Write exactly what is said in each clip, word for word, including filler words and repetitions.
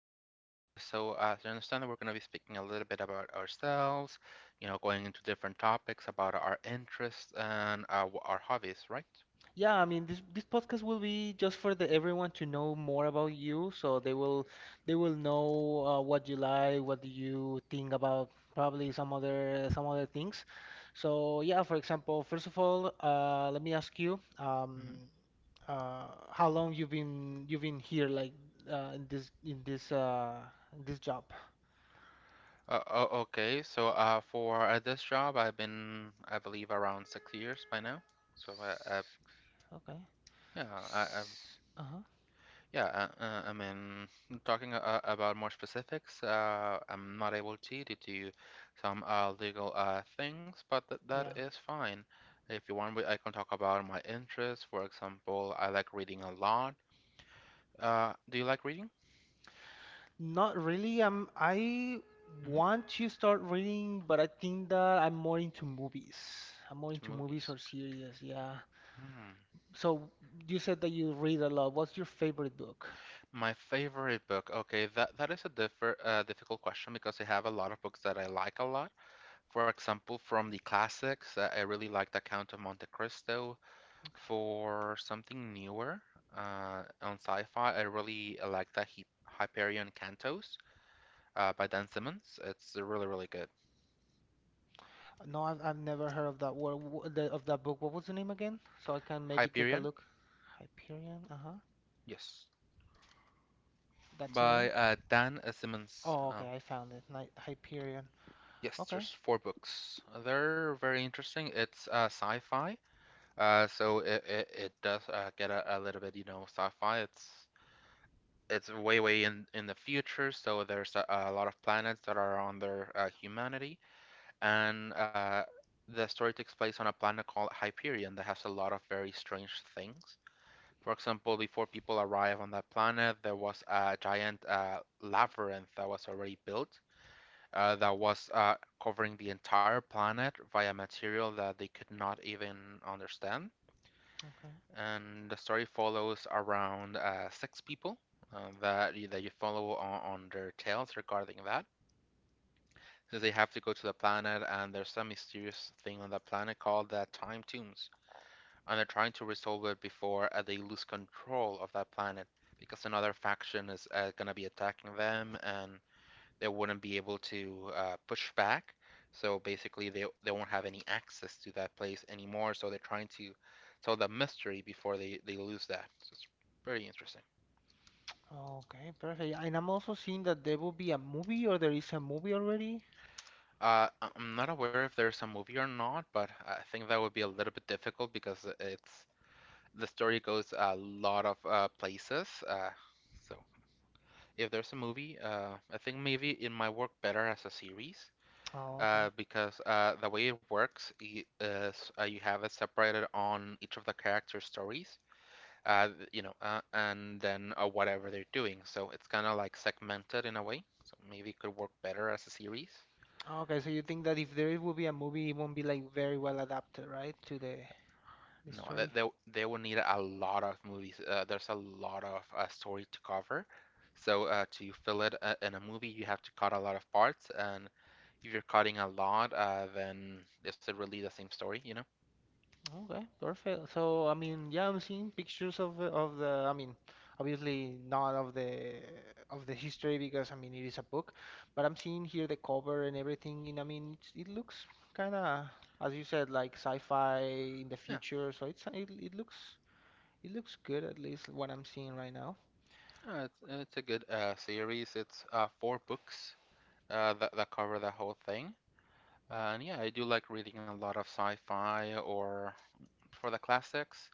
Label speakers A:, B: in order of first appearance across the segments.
A: good. Uh, so, uh, as you understand, we're going to be speaking a little bit about ourselves, you know, going into different topics about our interests and uh, our hobbies, right?
B: Yeah, I mean this this podcast will be just for the everyone to know more about you, so they will they will know uh, what you like, what do you think about probably some other some other things. So yeah, for example, first of all, uh, let me ask you, um,
A: Mhm.
B: uh, how long you've been you've been here, like uh, in this in this uh, in this job?
A: Uh, o- okay, so uh, for uh, this job, I've been, I believe, around six years by now. So, uh, uh,
B: Six- Okay.
A: yeah, I, I've
B: S- Uh-huh.
A: Yeah, uh, uh, I mean, talking uh, about more specifics, uh, I'm not able to due to some uh, legal uh, things, but th that
B: Yeah.
A: is fine. If you want, we- I can talk about my interests. For example, I like reading a lot. Uh, do you like reading?
B: Not really. Um, I
A: Hmm.
B: want to start reading, but I think that I'm more into movies. I'm more
A: To
B: into movies
A: movies.
B: or series, yeah.
A: Hmm.
B: So you said that you read a lot. What's your favorite book?
A: My favorite book. Okay, that that is a differ uh, difficult question because I have a lot of books that I like a lot. For example, from the classics, uh, I really like The Count of Monte Cristo. For something newer uh, on sci-fi, I really like that he Hyperion Cantos uh, by Dan Simmons. It's really, really good.
B: No, I've, I've never heard of that word, w- the, of that book. What was the name again? So I can maybe take a
A: Hyperion,
B: look. Hyperion, uh-huh.
A: yes,
B: That's the
A: by
B: name?
A: uh, Dan uh, Simmons.
B: Oh,
A: Uh,
B: okay, I found it. Ni- Hyperion.
A: yes, there's
B: Okay,
A: four books. They're very interesting. It's uh, sci-fi, uh, so it, it, it does uh, get a, a little bit, you know, sci-fi. It's it's way, way in in the future, so there's a, a lot of planets that are on their uh, humanity and uh, the story takes place on a planet called Hyperion that has a lot of very strange things. For example, before people arrive on that planet, there was a giant uh, labyrinth that was already built uh, that was uh, covering the entire planet via material that they could not even understand.
B: okay.
A: And the story follows around uh, six people uh, that, that you follow on, on their tales regarding that. Since they have to go to the planet and there's some mysterious thing on that planet called the time tombs, and they're trying to resolve it before uh, they lose control of that planet, because another faction is uh, going to be attacking them and they wouldn't be able to uh, push back. So basically they, they won't have any access to that place anymore, so they're trying to solve the mystery before they, they lose that. So it's pretty interesting.
B: Okay, perfect. And I'm also seeing that there will be a movie or there is a movie already.
A: uh, I'm not aware if there's a movie or not, but I think that would be a little bit difficult because it's the story goes a lot of uh, places. Uh, so if there's a movie, uh, I think maybe it might work better as a series,
B: Oh, okay.
A: uh, because uh, the way it works is uh, you have it separated on each of the character stories. Uh, you know, uh, and then uh, Whatever they're doing. So it's kind of like segmented in a way. So maybe it could work better as a series.
B: Okay, so you think that if there will be a movie, it won't be like very well adapted, right, to the the
A: No, that
B: story?
A: they they will need a lot of movies. Uh, there's a lot of uh, story to cover. So uh, to fill it uh, in a movie, you have to cut a lot of parts, and if you're cutting a lot, uh, then is it really the same story, you know?
B: Okay, perfect. So I mean, yeah, I'm seeing pictures of the- of the. I mean, obviously not of the of the history because I mean it is a book, but I'm seeing here the cover and everything. And I mean, it's, it looks kind of, as you said, like sci-fi in the
A: Yeah,
B: future. So it's it, it looks it looks good at least what I'm seeing right now.
A: uh, it's, it's a good uh, series. It's uh, four books uh, that that cover the whole thing. Uh, and yeah, I do like reading a lot of sci-fi or for the classics.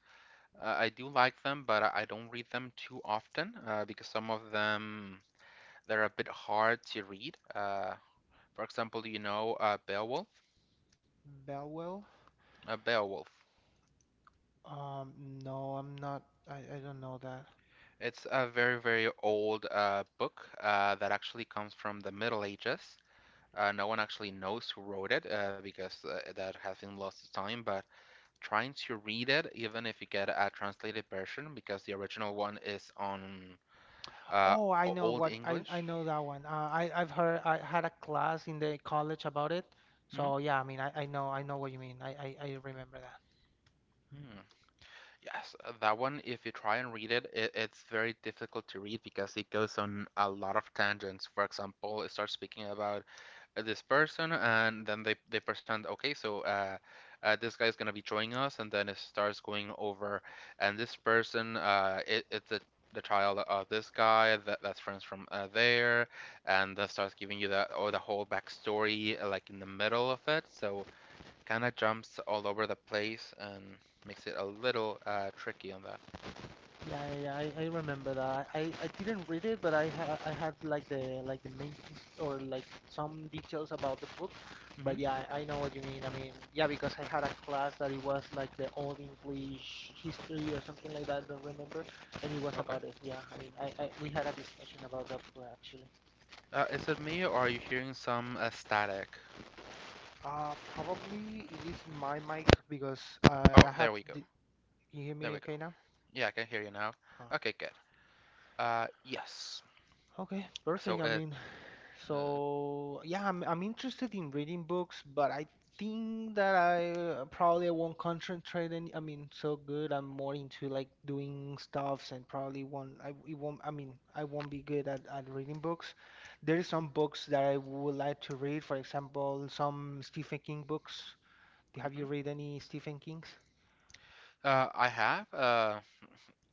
A: Uh, I do like them, but I I don't read them too often uh, because some of them they're a bit hard to read. Uh, for example, you know uh, Beowulf?
B: Belwell?
A: Uh, Beowulf.
B: Um, no, I'm not. I I don't know that.
A: It's a very, very old uh, book uh, that actually comes from the Middle Ages. Uh, no one actually knows who wrote it uh, because uh, that has been lost to time, but trying to read it, even if you get a translated version, because the original one is on uh,
B: Oh, I know
A: Old
B: what I I
A: English.
B: know that one. Uh, I I've heard I had a class in the college about it.
A: Mhm.
B: So yeah, I mean I, I know I know what you mean. I, I, I remember that.
A: Hmm. Yes, uh, that one, if you try and read it, it, it's very difficult to read because it goes on a lot of tangents. For example, it starts speaking about uh, this person and then they they present okay so uh, uh this guy's gonna be showing us and then it starts going over and this person uh it, it's a the child of this guy that, that's friends from uh, there and that starts giving you that or the whole backstory uh, like in the middle of it. So kind of jumps all over the place and makes it a little uh, tricky on that.
B: Yeah, yeah, yeah, I, I remember that. I, I didn't read it, but I ha I had like the like the main his- or like some details about the book. But
A: Hmm.
B: yeah, I, I know what you mean. I mean, yeah, because I had a class that it was like the old English history or something like that. Don't remember, and it was
A: Okay.
B: about it. Yeah, I mean, I, I we had a discussion about that book, actually.
A: Uh, is it me or are you hearing some uh, static?
B: Uh, probably it is my mic because uh,
A: Oh,
B: I
A: there
B: had.
A: we go.
B: The, can you hear
A: There we
B: me
A: go.
B: okay now?
A: Yeah, I can hear you now.
B: Ah, okay.
A: Okay, good. Uh, yes.
B: Okay,
A: So
B: perfect. I
A: it.
B: mean,
A: Uh,
B: so yeah, I'm I'm interested in reading books, but I think that I uh, probably won't concentrate any. I mean, so good. I'm more into like doing stuffs and probably won't. I it won't. I mean, I won't be good at at reading books. There is some books that I would like to read. For example, some Stephen King books. Have
A: mhm.
B: you read any Stephen King's?
A: Uh, I have uh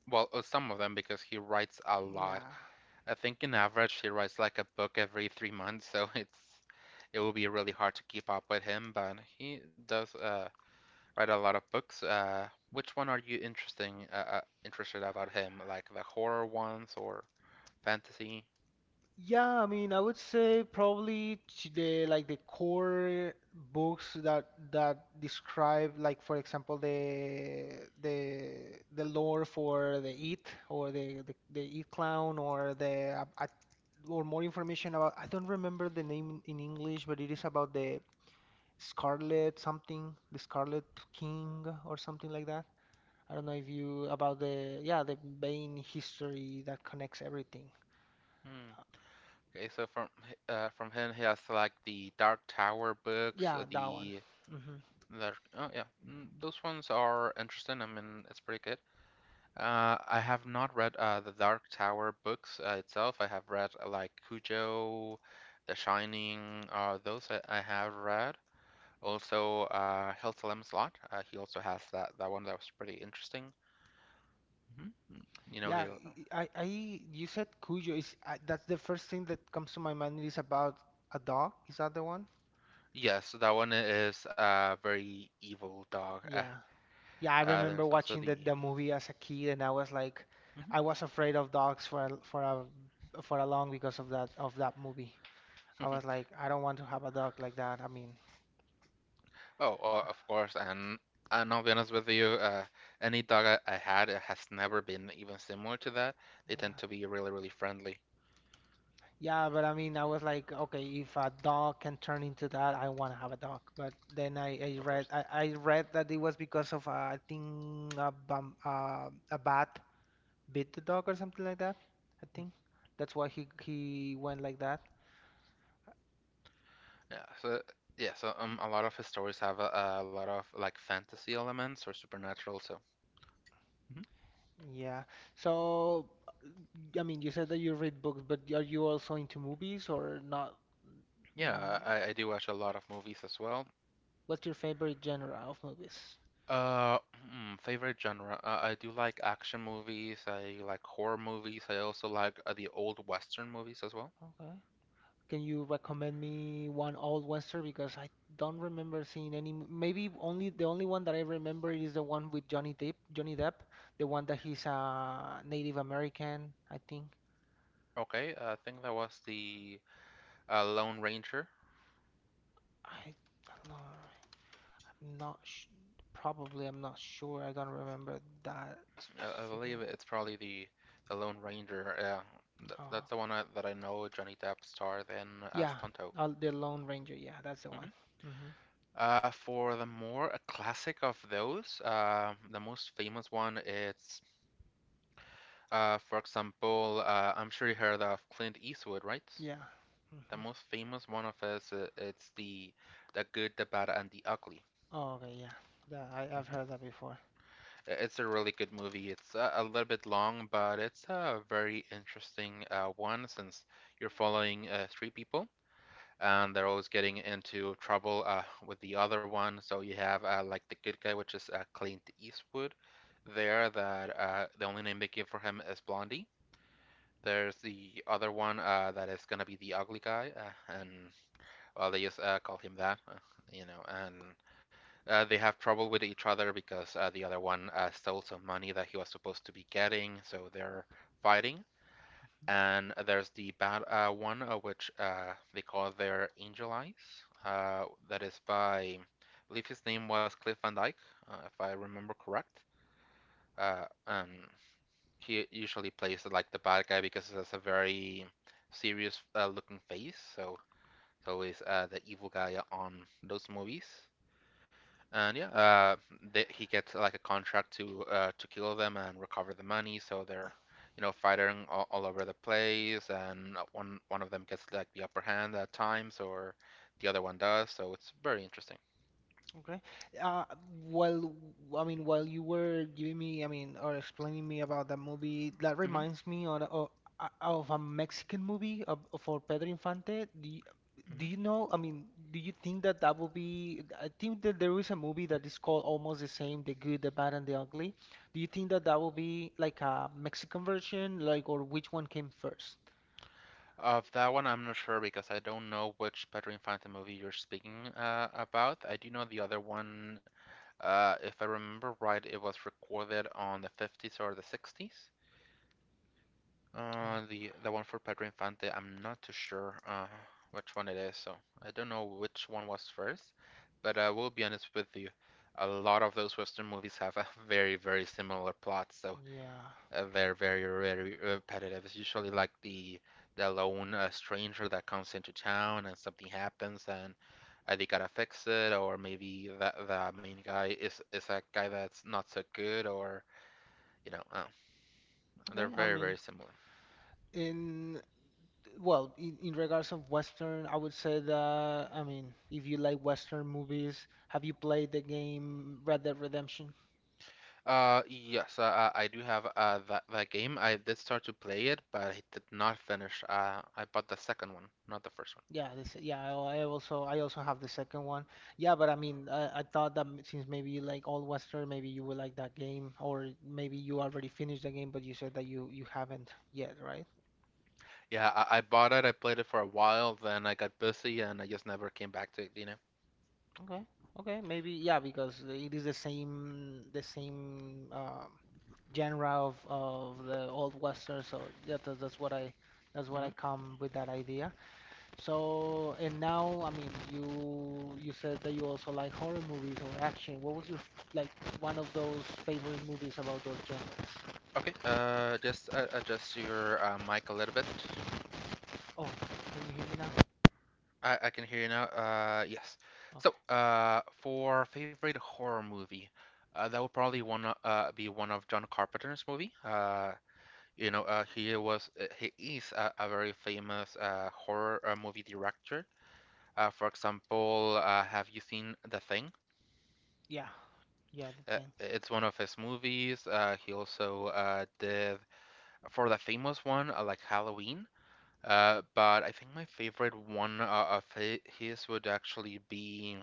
A: well uh, some of them because he writes a lot.
B: Yeah.
A: I think in average he writes like a book every three months, so it's it will be really hard to keep up with him. But he does uh write a lot of books. Uh, which one are you interesting uh, uh interested about him? Like the horror ones or fantasy?
B: Yeah, I mean, I would say probably ch- the like the core books that that describe like for example the the the lore for the It or the the, the It Clown or the uh, uh, or more information about I don't remember the name in English, but it is about the Scarlet something, the Scarlet King or something like that. I don't know if you about the yeah the main history that connects everything.
A: Hmm. Okay, so from h- uh from him he has like the Dark Tower books, uh,
B: Yeah, that one.
A: the
B: Hmm.
A: That oh yeah. Mm, those ones are interesting. I mean, it's pretty good. Uh, I have not read uh, the Dark Tower books uh, itself. I have read uh, like Cujo, The Shining. Uh, those I, I have read. Also, uh, Hillsalem Slot. Uh, he also has that that one that was pretty interesting. Hmm. You know, he.
B: Yeah, I, I, you said Cujo is I, that's the first thing that comes to my mind is about a dog. Is that the one?
A: Yes, that one is a very evil dog. Uh,
B: Yeah. Yeah, I
A: uh,
B: remember
A: there's also
B: watching the,
A: the.
B: the movie as a kid and I was like
A: Mhm.
B: I was afraid of dogs for a, for a for a long because of that of that movie. I was like I don't want to have a dog like that. I mean,
A: Oh, o- of course, and and I'll be honest with you, uh, any dog I, I had uh, has never been even similar to that. They tend
B: yeah.
A: to be really, really friendly,
B: Yeah, but I mean I was like okay, if a dog can turn into that, I want to have a dog. But then I, I
A: of course.
B: read I, I read that it was because of uh, I think a bum, uh, a bat bit the dog or something like that. I think that's why he he went like that.
A: Yeah, so yeah, so um, a lot of his stories have a, a lot of like fantasy elements or supernatural. So mhm.
B: Yeah. So, I mean, you said that you read books, but are you also into movies or not? Mm,
A: Yeah, I, I do watch a lot of movies as well.
B: what's your favorite genre of movies?
A: Uh, hmm, Favorite genre? Uh, I do like action movies. I like horror movies. I also like uh, the old Western movies as well.
B: Okay. Can you recommend me one old western? Because I don't remember seeing any. m- Maybe only the only one that I remember is the one with Johnny Depp. Johnny Depp, the one that he's a Native American, I think.
A: Okay, I think that was the uh, Lone Ranger.
B: I don't know. I'm Not sh- probably. I'm not sure. I don't remember that
A: I, I
B: specific
A: believe
B: one.
A: it's probably the the Lone Ranger. Yeah, Th-
B: Oh,
A: that's the
B: okay.
A: one I, that I know Johnny Depp starred in as
B: Yeah.
A: Tonto.
B: Uh, the Lone Ranger. Yeah, that's the one.
A: Mhm.
B: Hmm.
A: Uh, for the more classic of those, uh, the most famous one is, uh, for example, uh, I'm sure you heard of Clint Eastwood, right?
B: Yeah.
A: The
B: Hmm.
A: most famous one of his, uh, it's the the good, the bad, and the ugly.
B: Oh, okay. Yeah. Yeah. I, I've
A: Mhm.
B: heard that before.
A: It's a really good movie. It's a, a little bit long, but it's a very interesting uh, one since you're following uh, three people and they're always getting into trouble uh, with the other one. So you have uh, like the good guy, which is uh, Clint Eastwood, there that uh, the only name they give for him is Blondie. There's the other one uh, that is gonna be the ugly guy, uh, and well, they just uh, call him that, uh, you know, and uh, they have trouble with each other because uh, the other one uh, stole some money that he was supposed to be getting, so they're fighting.
B: Mm-hmm.
A: And there's the bad uh, one, uh, which uh, they call their Angel Eyes, uh, that is by, I believe his name was Cliff Van Dyke, uh, if I remember correct. Uh, and he usually plays like the bad guy because he has a very serious uh, looking face, so it's always uh, the evil guy on those movies. And yeah, uh, they, he gets like a contract to uh, to kill them and recover the money. So they're, you know, fighting all, all over the place, and one one of them gets like the upper hand at times, or the other one does. So it's very interesting.
B: Okay. Uh, while I mean, while you were giving me, I mean, or explaining me about that movie, that
A: Hmm.
B: reminds me on, of, uh, of a Mexican movie of, for Pedro Infante. Do you, do
A: Hmm.
B: you know? I mean, do you think that that would be? I think that there is a movie that is called almost the same, The Good, the Bad, and the Ugly. Do you think that that will be like a Mexican version, like, or which one came first?
A: Of that one, I'm not sure because I don't know which Pedro Infante movie you're speaking uh, about. I do know the other one. Uh, if I remember right, it was recorded on the fifties or the sixties.
B: Oh,
A: Uh, the the one for Pedro Infante, I'm not too sure uh which one it is, so I don't know which one was first. But I will be honest with you, a lot of those Western movies have a very, very similar plot, so
B: yeah.
A: uh, they're very, very repetitive. It's usually like the the lone uh, stranger that comes into town and something happens and uh, they gotta fix it, or maybe the the main guy is is a guy that's not so good, or you know, uh, they're
B: Okay. I
A: very,
B: mean.
A: very similar.
B: In well, in, in regards of Western, I would say that, I mean, if you like Western movies, have you played the game Red Dead Redemption?
A: Uh, yes, uh, uh, I do have uh that that game. I did start to play it, but I did not finish. Uh, I bought the second one, not the first one.
B: Yeah, this, yeah, I I also I also have the second one. Yeah, but I mean, I, I thought that m- since maybe you like all Western, maybe you would like that game, or maybe you already finished the game, but you said that you you haven't yet, right?
A: Yeah, I, I bought it. I played it for a while, then I got busy, and I just never came back to it, you know.
B: Okay. Okay. Maybe yeah, because it is the same the same um, genre of of the old western. So yeah, that, that's what I that's what
A: hmm
B: I come with that idea. So and now, I mean, you you said that you also like horror movies or action. What was your f- like one of those favorite movies about those genres?
A: Okay. Uh, just uh, adjust your uh, mic a little bit.
B: Oh, can you hear me now?
A: I I can hear you now. Uh, yes. So,
B: Okay.
A: uh, for favorite horror movie, uh, that would probably one uh be one of John Carpenter's movie. Uh, You know, uh, he was uh, he is a, a very famous uh, horror uh, movie director. Uh, for example, uh, have you seen The Thing?
B: Yeah. Yeah, the
A: Uh,
B: thing.
A: it's one of his movies. Uh, he also uh, did for the famous one uh, like Halloween. Uh, but I think my favorite one uh, of hi- his would actually be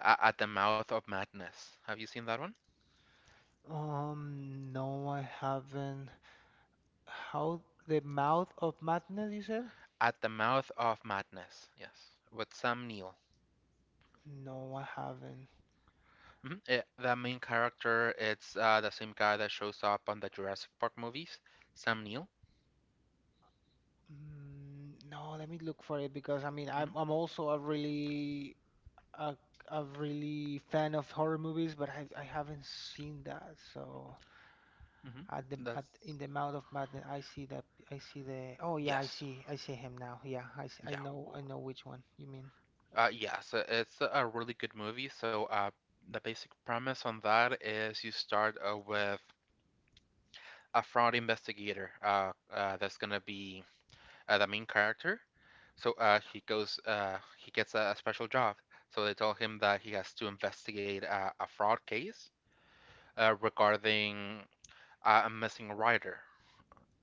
A: uh, At the Mouth of Madness. Have you seen that one?
B: Um, no, I haven't. How the Mouth of Madness, you said?
A: At the Mouth of Madness. Yes, with Sam Neill.
B: No, I haven't.
A: Mhm. It, the main character, it's uh, the same guy that shows up on the Jurassic Park movies, Sam Neill.
B: Mm, no, let me look for it because I mean I'm
A: hmm
B: I'm also a really a, a really fan of horror movies, but I, I haven't seen that. So
A: hmm
B: at the at
A: That's
B: in the mouth of madness, I see that I see the oh yeah I
A: yes,
B: see I see him now. Yeah, I s- I
A: yeah,
B: know
A: w-
B: I know which one you mean.
A: uh, yes. uh, It's a really good movie. So uh, the basic premise on that is you start uh, with a fraud investigator. Uh, uh, that's gonna be uh, the main character. So uh, he goes, uh, he gets a, a special job. So they tell him that he has to investigate uh, a fraud case uh, regarding uh, I'm missing a writer.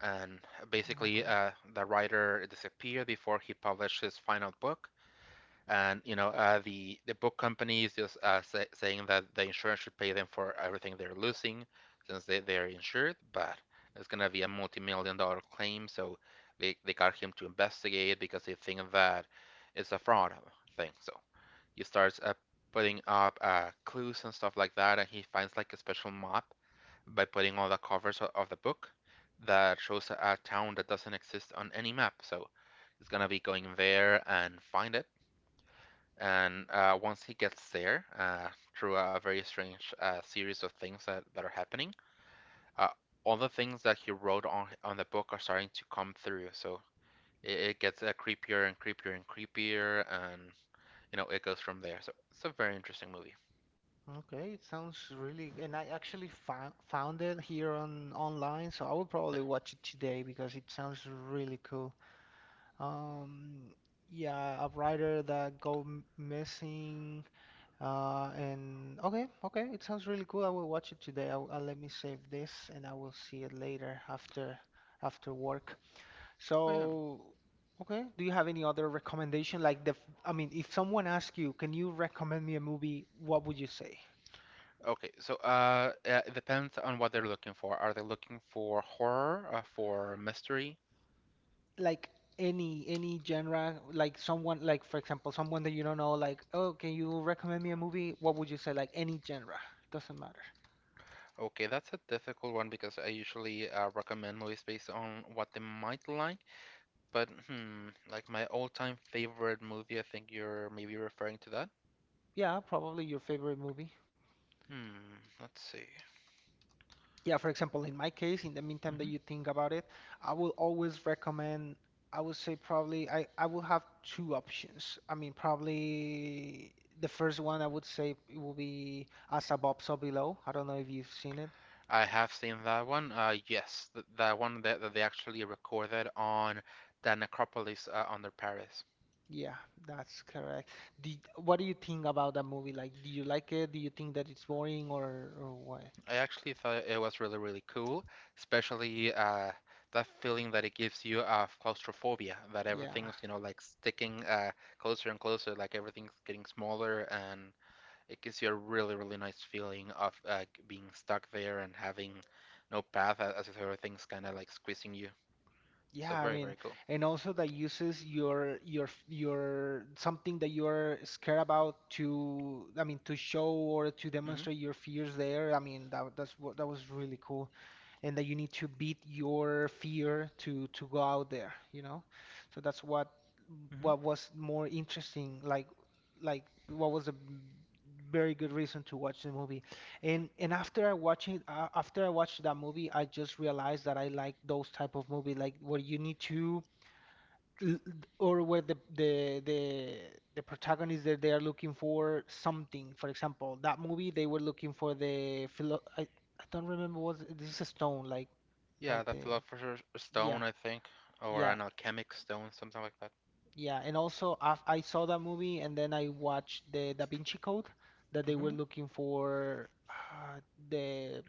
A: And basically,
B: Okay.
A: uh, the writer disappeared before he published his final book. And you know, uh, the the book company is just uh, say, saying that the insurance should pay them for everything they're losing since they, they're insured. But it's gonna be a multi-million dollar claim, so they, they got him to investigate because they think that it's a fraud thing. So he starts uh, putting up uh, clues and stuff like that, and he finds like a special map by putting on the covers of the book that shows a a town that doesn't exist on any map. So he's gonna be going there and find it. And uh, once he gets there, uh, through a very strange uh, series of things that, that are happening, uh, all the things that he wrote on on the book are starting to come through. So it, it gets uh, creepier and creepier and creepier, and you know it goes from there. So it's a very interesting movie.
B: Okay, it sounds really, and I actually found found it here on online, so I will probably watch it today because it sounds really cool. Um, yeah, a writer that go m- missing. Uh, and okay, okay, it sounds really cool. I will watch it today. I'll, I'll let me save this, and I will see it later after after work.
A: Oh yeah.
B: So, okay, do you have any other recommendation? Like the, f- I mean, if someone asks you, can you recommend me a movie? What would you say?
A: Okay, so uh, uh, it depends on what they're looking for. Are they looking for horror, uh, for mystery?
B: Like any any genre, like someone, like for example, someone that you don't know, like, oh, can you recommend me a movie? What would you say? Like any genre, doesn't matter.
A: Okay, that's a difficult one because I usually uh, recommend movies based on what they might like. But hmm, like my all-time favorite movie, I think you're maybe referring to that.
B: Yeah, probably your favorite movie.
A: Hmm, let's see.
B: Yeah, for example, in my case, in the meantime that you
A: hmm
B: think about it, I will always recommend, I would say probably I, I will have two options. I mean, probably the first one I would say it will be As Above, So Below. I don't know if you've seen it.
A: I have seen that one. Uh, yes, th that one that, that they actually recorded on the necropolis uh, under Paris.
B: Yeah, that's correct. Did, what do you think about that movie? Like, do you like it? Do you think that it's boring or or what?
A: I actually thought it was really, really cool, especially uh, that feeling that it gives you of claustrophobia, that
B: Yeah.
A: everything's, you know, like sticking uh, closer and closer, like everything's getting smaller, and it gives you a really, really nice feeling of uh, being stuck there and having no path a- as if everything's kind of like squeezing you. So
B: Yeah, I
A: very,
B: mean,
A: very cool.
B: and also that uses your your your something that you're scared about to, I mean, to show or to
A: hmm
B: demonstrate your fears there. I mean, that that's what that was really cool, and that you need to beat your fear to to go out there, you know? So that's what
A: hmm
B: what was more interesting, like like what was a very good reason to watch the movie. And and after I watching uh, after I watched that movie, I just realized that I like those type of movie, like where you need to, l- or where the the the the protagonist that they are looking for something. For example, that movie they were looking for the philo. I, I don't remember was this is a stone like
A: Yeah,
B: like
A: the
B: the
A: philosopher's
B: yeah
A: stone, I think, or
B: yeah
A: an alchemic stone, something like that.
B: yeah. And also af I saw that movie and then I watched the Da Vinci Code that they were looking for uh, the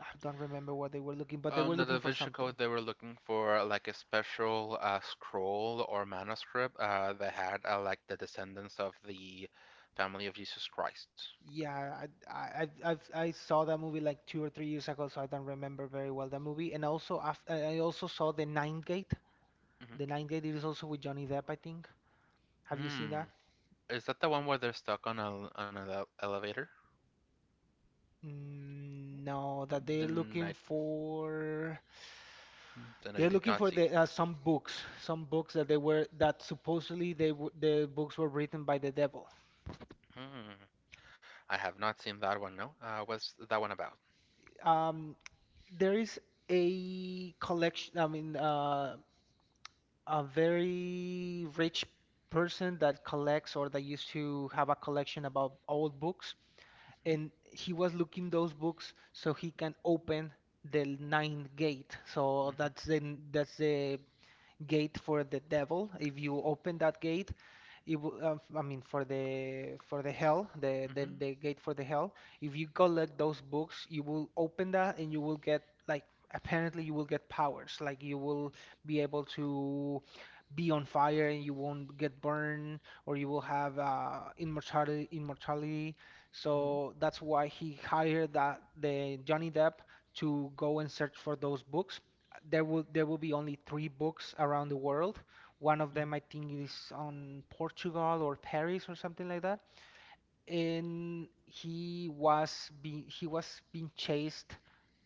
B: I don't remember what they were looking, but they were
A: On the Da
B: looking for
A: Vinci
B: something.
A: Code, they were looking for uh, like a special uh, scroll or manuscript uh, that had uh, like the descendants of the family of Jesus Christ.
B: Yeah, I I I've, I've, I saw that movie like two or three years ago, so I don't remember very well that movie. And also, af I also saw The Ninth Gate.
A: hmm
B: The Ninth Gate is also with Johnny Depp, I think. Have you seen
A: Hmm.
B: that?
A: Is that the one where they're stuck on a on an ele- elevator?
B: Mm, no, that they're
A: Then
B: looking
A: I
B: for
A: then I
B: they're
A: did
B: looking
A: not
B: for
A: see
B: the
A: it.
B: uh, some books, some books that they were that supposedly they w the books were written by the devil.
A: Hmm. I have not seen that one. No. Uh, what's that one about?
B: Um, there is a collection. I mean, uh, a very rich person that collects, or that used to have a collection about old books,
A: hmm
B: and he was looking those books so he can open the ninth gate. So that's the that's the gate for the devil. If you open that gate, it will, uh, f- I mean, for the for the hell, the, the
A: hmm
B: the gate for the hell. If you collect those books, you will open that, and you will get, like, apparently you will get powers. Like, you will be able to be on fire, and you won't get burned, or you will have uh, immortality. Immortality.
A: hmm
B: So that's why he hired that the Johnny Depp to go and search for those books. There will there will be only three books around the world. One of them,
A: hmm
B: I think, is on Portugal or Paris or something like that. And he was being he was being chased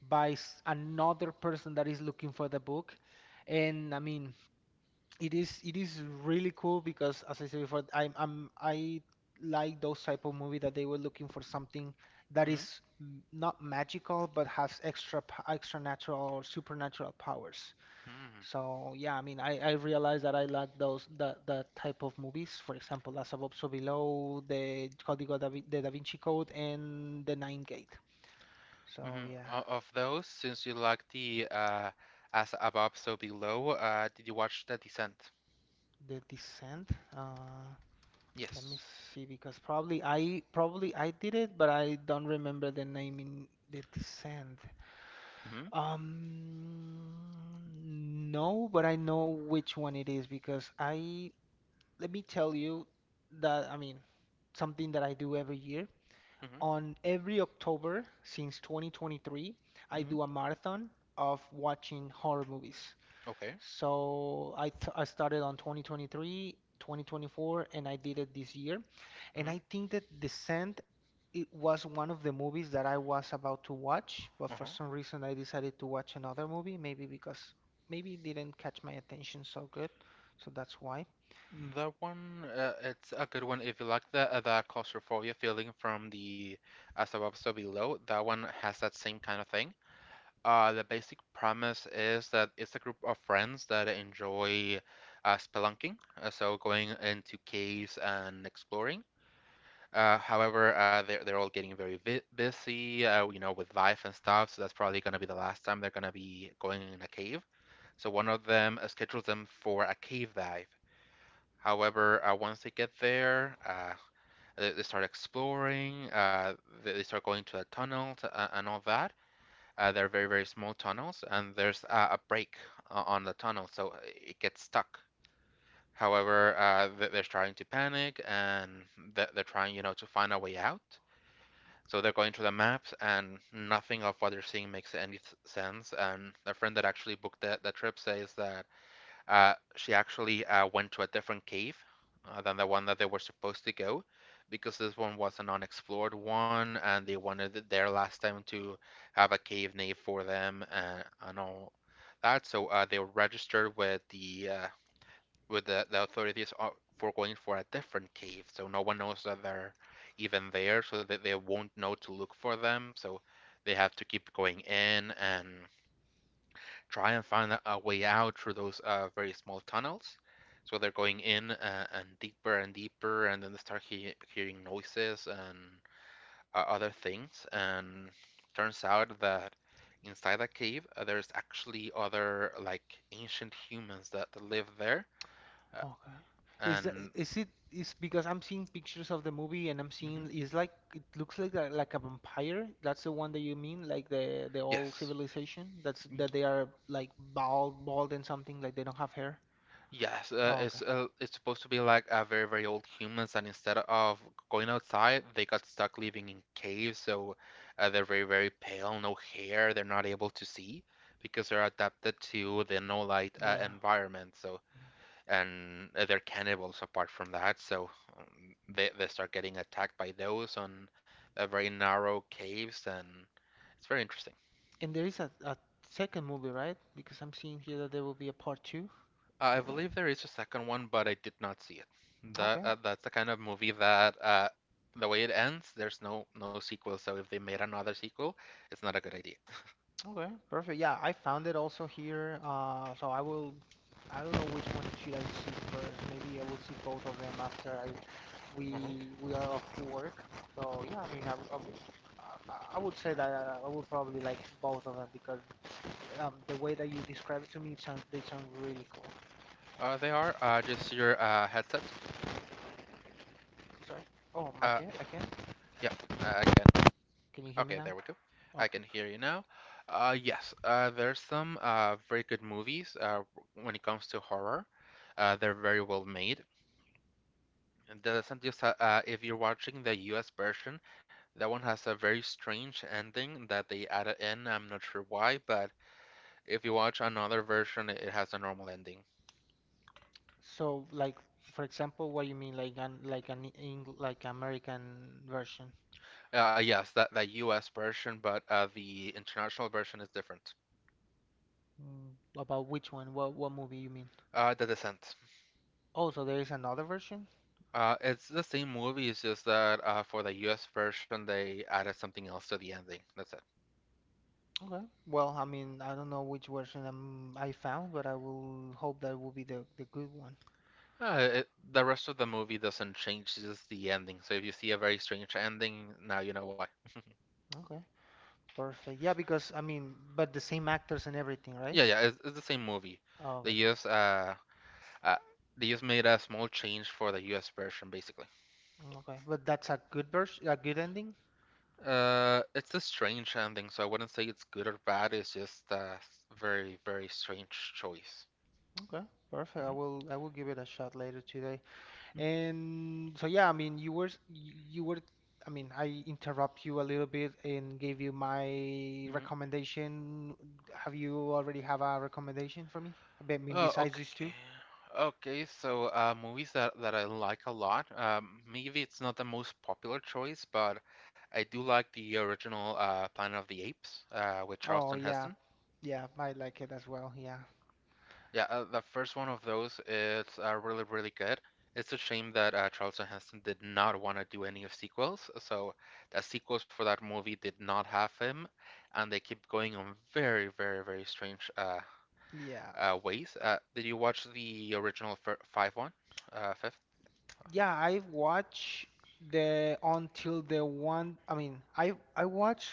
B: by s- another person that is looking for the book. And I mean, it is it is really cool because, as I said before, I'm I'm I like those type of movie that they were looking for something that
A: hmm
B: is m- not magical but has extra p- extra natural or supernatural powers.
A: hmm
B: So yeah, I mean, I I realized that I like those that that type of movies. For example, As Above, So Below, the Código da, Vin- the Da Vinci Code, and The Ninth Gate. So
A: Mhm. O-
B: yeah,
A: Of those, since you like the uh, as above, so below, uh, did you watch The Descent?
B: The Descent. Uh, let me
A: Yes.
B: see, because probably I probably I did it, but I don't remember the name in The Descent.
A: Mm-hmm.
B: Um, no, but I know which one it is, because I let me tell you that, I mean, something that I do every year.
A: Mm-hmm.
B: On every October since twenty twenty-three, I
A: Mm-hmm.
B: do a marathon of watching horror movies.
A: Okay.
B: So I, th I started on twenty twenty-three, twenty twenty-four, and I did it this year. And
A: Mm-hmm.
B: I think that Descent, it was one of the movies that I was about to watch, but for
A: Uh-huh.
B: some reason I decided to watch another movie. Maybe because, maybe it didn't catch my attention so good. So that's why.
A: That one, uh, it's a good one if you like the uh, the claustrophobia feeling from the as above, so below. That one has that same kind of thing. Uh, the basic premise is that it's a group of friends that enjoy uh, spelunking, uh, so going into caves and exploring. Uh, however, uh, they're they're all getting very vi busy, uh, you know, with life and stuff. So that's probably gonna be the last time they're gonna be going in a cave. So one of them uh, schedules them for a cave dive. However, uh, once they get there, uh, they, they start exploring. Uh, they, they start going to the tunnels uh, and all that. Uh, they're very very small tunnels, and there's uh, a break uh, on the tunnel, so it gets stuck. However, uh, they're starting to panic, and they're trying, you know, to find a way out. So they're going to the maps, and nothing of what they're seeing makes any sense. And the friend that actually booked the, the trip says that uh, she actually uh, went to a different cave uh, than the one that they were supposed to go, because this one was an unexplored one, and they wanted it there last time to have a cave name for them and, and all that. So uh, they were registered with the uh, with the, the authorities for going for a different cave, so no one knows that they're even there, so that they won't know to look for them. So they have to keep going in and try and find a- a way out through those uh, very small tunnels. So they're going in uh, and deeper and deeper, and then they start he- hearing noises and uh, other things. And turns out that inside that cave, uh, there's actually other like ancient humans that, that live there. Uh,
B: Okay. Is that
A: and
B: is it is because I'm seeing pictures of the movie, and I'm
A: hmm
B: seeing is like it looks like a, like a vampire. That's the one that you mean, like the the old
A: Yes.
B: civilization. That's
A: Y-
B: that they are like bald, bald, and something like they don't have hair.
A: Yes, uh,
B: Oh, okay.
A: it's uh, it's supposed to be like uh, very very old humans, and instead of going outside, they got stuck living in caves. So uh, they're very very pale, no hair. They're not able to see because they're adapted to the no light uh,
B: Yeah.
A: environment. So and uh, they're cannibals apart from that. So um, they they start getting attacked by those on uh, very narrow caves, and it's very interesting.
B: And there is a, a second movie, right? Because I'm seeing here that there will be a part two.
A: I believe there is a second one, but I did not see it. That
B: Okay.
A: uh, that's the kind of movie that uh, the way it ends, there's no no sequel. So if they made another sequel, it's not a good idea.
B: Okay, perfect. Yeah, I found it also here. Uh, so I will. I don't know which one should I see first. Maybe I will see both of them after I
A: Mhm.
B: we we are off to work. So yeah, I mean, I, I, would- I I would say that uh, I would probably like both of them because um, the way that you describe it to me sounds, they sound really cool.
A: Uh, they are uh, just your uh, headset.
B: Sorry. Oh, my
A: Uh,
B: cat
A: yeah,
B: again?
A: yeah. Uh, I can.
B: Can you hear me
A: Okay, there
B: now?
A: we go. I can
B: Okay.
A: hear you now. Uh, yes. Uh, there's some uh, very good movies uh, when it comes to horror. Uh, they're very well made. And that doesn't just ha- uh, if you're watching the U S version, that one has a very strange ending that they added in. I'm not sure why, but if you watch another version, it it has a normal ending.
B: So, like, for example, what you mean, like an like an Eng like American version?
A: Uh, uh, yes, that the U S version, but uh, the international version is different.
B: Mm, about which one? What what movie you mean?
A: Uh, The Descent.
B: Oh, so there is another version?
A: Uh, it's the same movie, it's just that uh, for the U S version, they added something else to the ending. That's it.
B: Okay. Well, I mean, I don't know which version um, I found, but I will hope that will be the the good one.
A: Uh, it. The rest of the movie doesn't change, it's just the ending. So if you see a very strange ending, now you know why.
B: Okay. Perfect. Yeah, because I mean, but the same actors and everything, right?
A: Yeah, yeah, it's, it's the same movie.
B: Oh, okay,
A: They
B: perfect.
A: just uh, uh they just made a small change for the U S version basically.
B: Mm, okay, but that's a good version, a good ending.
A: Uh it's a strange ending, so I wouldn't say it's good or bad, it's just a very, very strange choice.
B: Okay, perfect. I will I will give it a shot later today. And so yeah, I mean, you were s- y- you were, I mean, I interrupt you a little bit and gave you my
A: Mm-hmm.
B: recommendation. Have you already have a recommendation for me? I bet- I mean,
A: Oh,
B: besides
A: okay.
B: these two?
A: Okay, so uh, movies that, that I like a lot. Um, maybe it's not the most popular choice, but I do like the original uh, Planet of the Apes uh, with
B: Oh
A: Charlton
B: yeah.
A: Heston.
B: Yeah, I like it as well. Yeah.
A: Yeah, uh, the first one of those is uh, really, really good. It's a shame that uh, Charlton Heston did not want to do any of sequels, so the sequels for that movie did not have him, and they keep going on very, very, very strange uh,
B: Yeah.
A: uh, ways. Uh, did you watch the original fir five one, uh, fifth?
B: Yeah, I watched the until the one, I mean, I I watched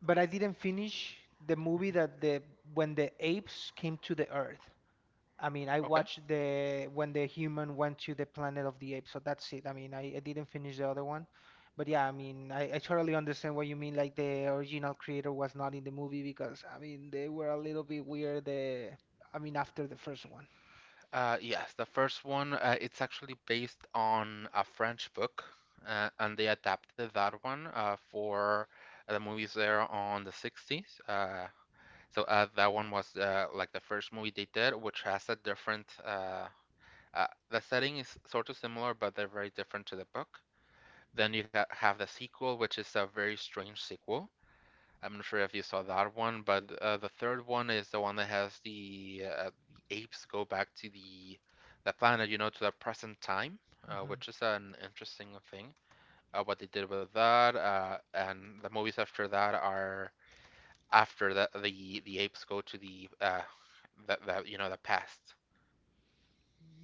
B: but I didn't finish the movie
A: Mhm.
B: that the when the apes came to the earth. I mean, I
A: Okay.
B: watched the when the human went to the Planet of the Apes, so that's it. I mean, I, I didn't finish the other one, but yeah, I mean, I, I totally understand what you mean. Like, the original creator was not in the movie because I mean they were a little bit weird. The, I mean, after the first one.
A: Uh, yes, the first one, uh, it's actually based on a French book, uh, and they adapted that one uh, for the movies there on the sixties. Uh, So uh, that one was uh, like the first movie they did, which has a different. Uh, uh, the setting is sort of similar, but they're very different to the book. Then you ha have the sequel, which is a very strange sequel. I'm not sure if you saw that one, but uh, the third one is the one that has the, uh, the apes go back to the the planet, you know, to the present time, uh, which is an interesting thing. Uh, what they did with that, uh, and the movies after that are after the the the apes go to the uh the, the you know the past.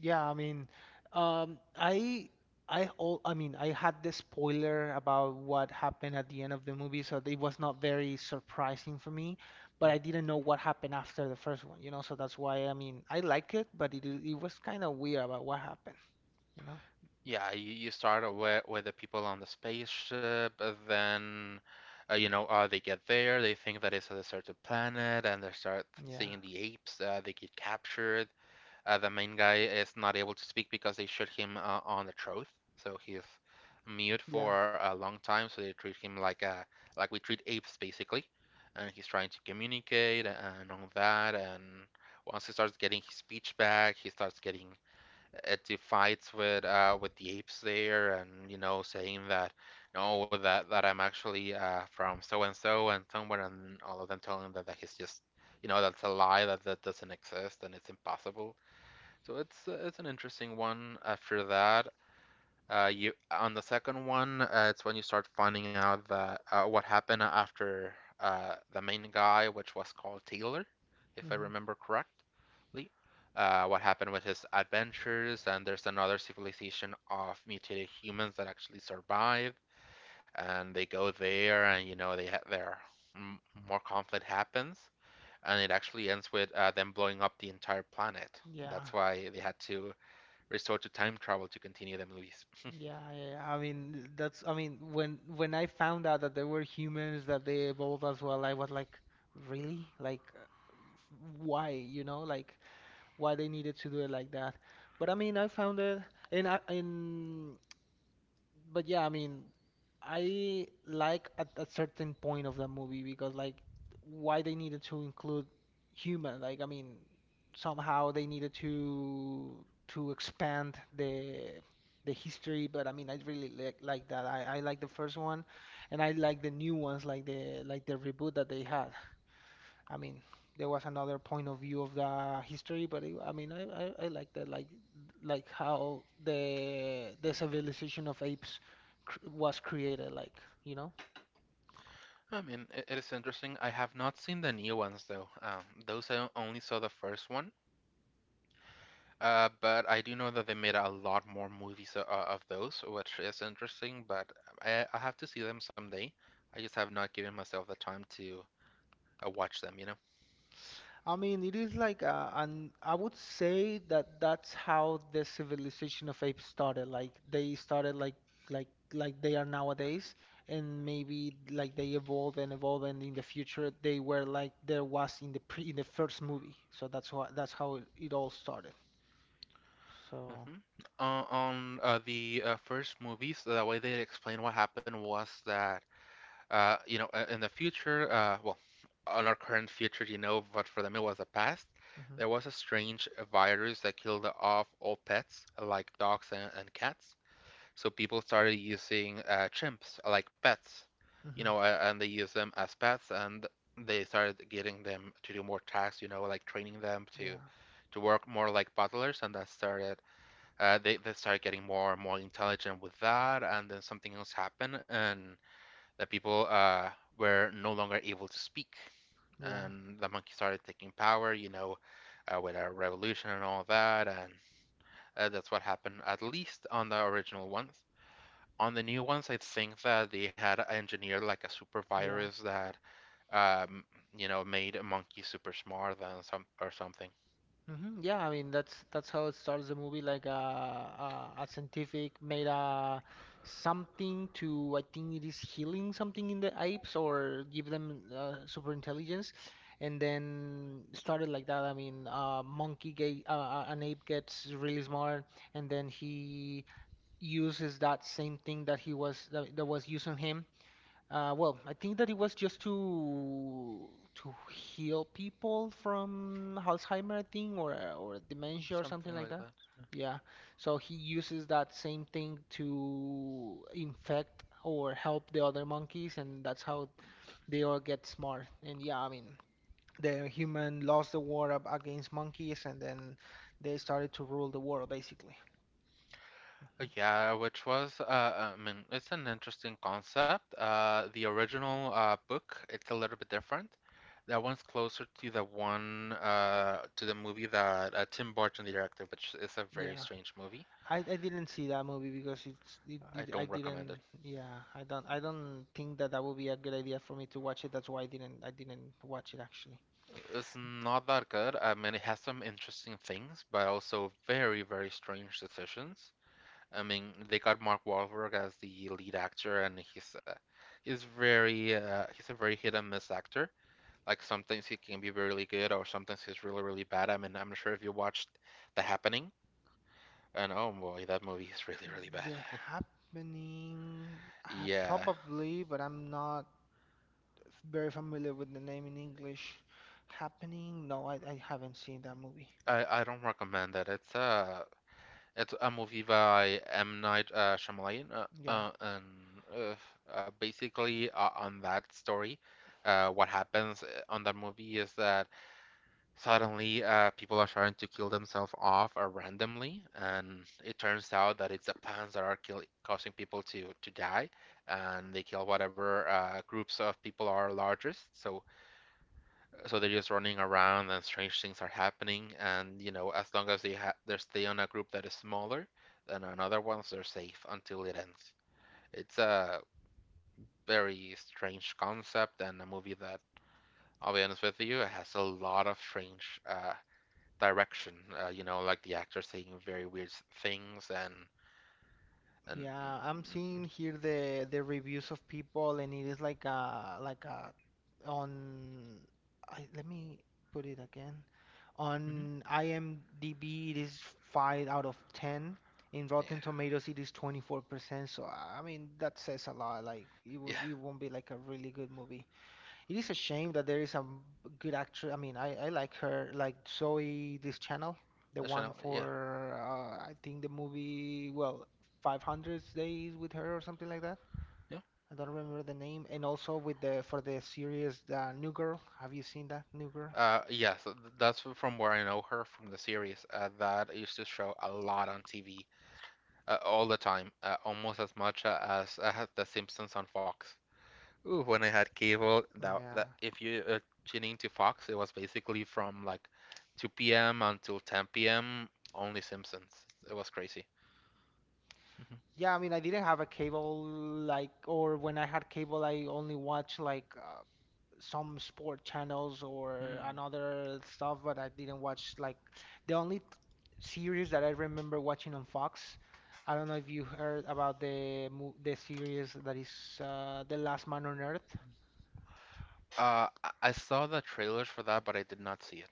B: Yeah, I mean, um, I, I, all, I mean, I had the spoiler about what happened at the end of the movie, so it was not very surprising for me. But
A: Hmm.
B: I didn't know what happened after the first one, you know. So that's why, I mean, I like it, but it it was kind of weird about what happened, you know.
A: Yeah, you, you start with with the people on the spaceship, uh, then uh, you know uh, they get there, they think that it's a deserted planet, and they start
B: Yeah,
A: seeing the apes. Uh, they get captured. Uh, the main guy is not able to speak because they shoot him uh, on the throat, so he's mute
B: yeah,
A: for a long time. So they treat him like a like we treat apes basically, and he's trying to communicate and all that. And once he starts getting his speech back, he starts getting uh, into fights with uh, with the apes there, and you know saying that no that that I'm actually uh, from so and so and somewhere, and all of them telling him that, that he's just you know that's a lie that that doesn't exist and it's impossible so it's uh, it's an interesting one. After that, uh, you on the second one, uh, it's when you start finding out that uh, what happened after uh, the main guy, which was called Taylor, if I
B: hmm,
A: remember correctly. Uh, what happened with his adventures, and there's another civilization of mutated humans that actually survive, and they go there, and you know they ha there m more conflict happens, and it actually ends with uh, them blowing up the entire planet.
B: yeah.
A: That's why they had to resort to time travel to continue the movies.
B: Yeah, yeah, yeah, I mean that's, I mean, when when I found out that there were humans that they evolved as well, I was like, really? Like, uh, why? You know, like, why they needed to do it like that. But I mean, I found it, and I, and but yeah, I mean, I like at a certain point of that movie because, like, why they needed to include human, like, I mean, somehow they needed to to expand the the history, but I mean, I really like like that. I, I like the first one, and I like the new ones, like the like the reboot that they had. I mean, there was another point of view of the history, but it, I mean, I, I, I like that, like, like how the the civilization of apes cr was created, like, you know.
A: I mean, it, it is interesting. I have not seen the new ones though. Um, those I only saw the first one. Uh, but I do know that they made a lot more movies o- of those, which is interesting. But I, I have to see them someday. I just have not given myself the time to uh, watch them, you know.
B: I mean, it is like, uh, and I would say that that's how the civilization of apes started. Like, they started like like like they are nowadays, and maybe like they evolved and evolved, and in the future they were like there was in the pre in the first movie. So that's why, that's how it, it all started. So,
A: Hmm. Uh, on uh, the uh, first movies, the way they explained what happened was that Uh, you know, uh, in the future, uh, well, on our current future, you know, but for them it was the past.
B: hmm,
A: There was a strange virus that killed off all pets, like dogs and, and cats. So people started using uh, chimps, uh, like pets, you
B: hmm,
A: know, uh, and they use them as pets, and they started getting them to do more tasks, you know, like training them to
B: yeah,
A: to work more like butlers, and that started. Uh, they they started getting more and more intelligent with that, and then something else happened, and that people uh, were no longer able to speak,
B: yeah,
A: and the monkeys started taking power. You know, uh, with a revolution and all that, and uh, that's what happened at least on the original ones. On the new ones, I think that they had engineered like a super
B: yeah.
A: virus that um, you know made a monkey super smart and some or something,
B: Hmm. Yeah, I mean that's that's how it starts the movie, like, a a, a scientific made a something to, I think it is healing something in the apes or give them uh, super intelligence, and then started like that. I mean, a monkey get uh, uh, an ape gets really smart, and then he uses that same thing that he was that, that was used on him. Uh, well, I think that it was just to to heal people from Alzheimer, I think, or uh, or dementia or something
A: something
B: like
A: like
B: that.
A: that.
B: Yeah. So he uses that same thing to infect or help the other monkeys, and that's how they all get smart. And yeah, I mean, the human lost the war ab- against monkeys, and then they started to rule the world, basically.
A: Uh, Yeah, which was, uh, I mean, it's an interesting concept. Uh, the original uh, book, it's a little bit different. That one's closer to the one, uh, to the movie that uh, Tim Burton directed, which is a very
B: Yeah.
A: strange movie.
B: I, I didn't see that movie because it's it,
A: I
B: did I
A: don't recommend it.
B: didn't yeah, I don't, I don't think that that would be a good idea for me to watch it. That's why I didn't, I didn't watch it actually.
A: It's not that good. I mean, it has some interesting things, but also very, very strange decisions. I mean, they got Mark Wahlberg as the lead actor, and he's uh, he's very uh, he's a very hit and miss actor. Like sometimes he can be really good, or sometimes he's really, really bad. I mean, I'm not sure if you watched The Happening, and oh boy, that movie is really, really bad.
B: The happening, uh,
A: Yeah,
B: probably, but I'm not very familiar with the name in English. Happening, no, I, I haven't seen that movie.
A: I, I don't recommend that. It's a it's a movie by M. Night uh, Shyamalan, uh,
B: Yeah,
A: uh, and uh, uh, basically uh, on that story, uh, what happens uh, on that movie is that suddenly, uh, people are starting to kill themselves off uh, randomly, and it turns out that it's the pants that are kill causing people to to die, and they kill whatever uh, groups of people are largest. So, so they're just running around, and strange things are happening. And you know, as long as they ha they stay on a group that is smaller than another ones, they're safe until it ends. It's a very strange concept and a movie that, I'll be honest with you, it has a lot of strange uh, direction. Uh, you know, like the actor saying very weird s- things and and.
B: yeah, I'm seeing here the the reviews of people and it is like a like a on, I, let me put it again.
A: Mhm.
B: On IMDb, it is five out of ten. In
A: Yeah,
B: Rotten Tomatoes, it is twenty-four percent. So, I mean, that says a lot. Like, it,
A: yeah,
B: will, it won't be like a really good movie. It is a shame that there is a good actress. I mean, I, I like her, like Zoe, this channel, the
A: that's
B: one
A: Chanel, yeah,
B: for, uh, I think the movie, well, five hundred Days with her or something like that.
A: yeah.
B: I don't remember the name. And also with the, for the series, the New Girl. Have you seen that, New Girl?
A: Uh, yeah, so th- that's from where I know her from the series. Uh, that used to show a lot on T V, uh, all the time, uh, almost as much uh, as uh, The Simpsons on Fox. Ooh, when I had cable, that, that
B: Yeah.
A: if you uh, tune into Fox, it was basically from like two p m until ten p m. Only Simpsons. It was crazy.
B: Yeah, I mean, I didn't have a cable like, or when I had cable, I only watched like uh, some sport channels or another stuff, but I didn't watch like the only t- series that I remember watching on Fox. I don't know if you heard about the mo the series that is uh, The Last Man on Earth.
A: Uh, I I saw the trailers for that, but I did not see it.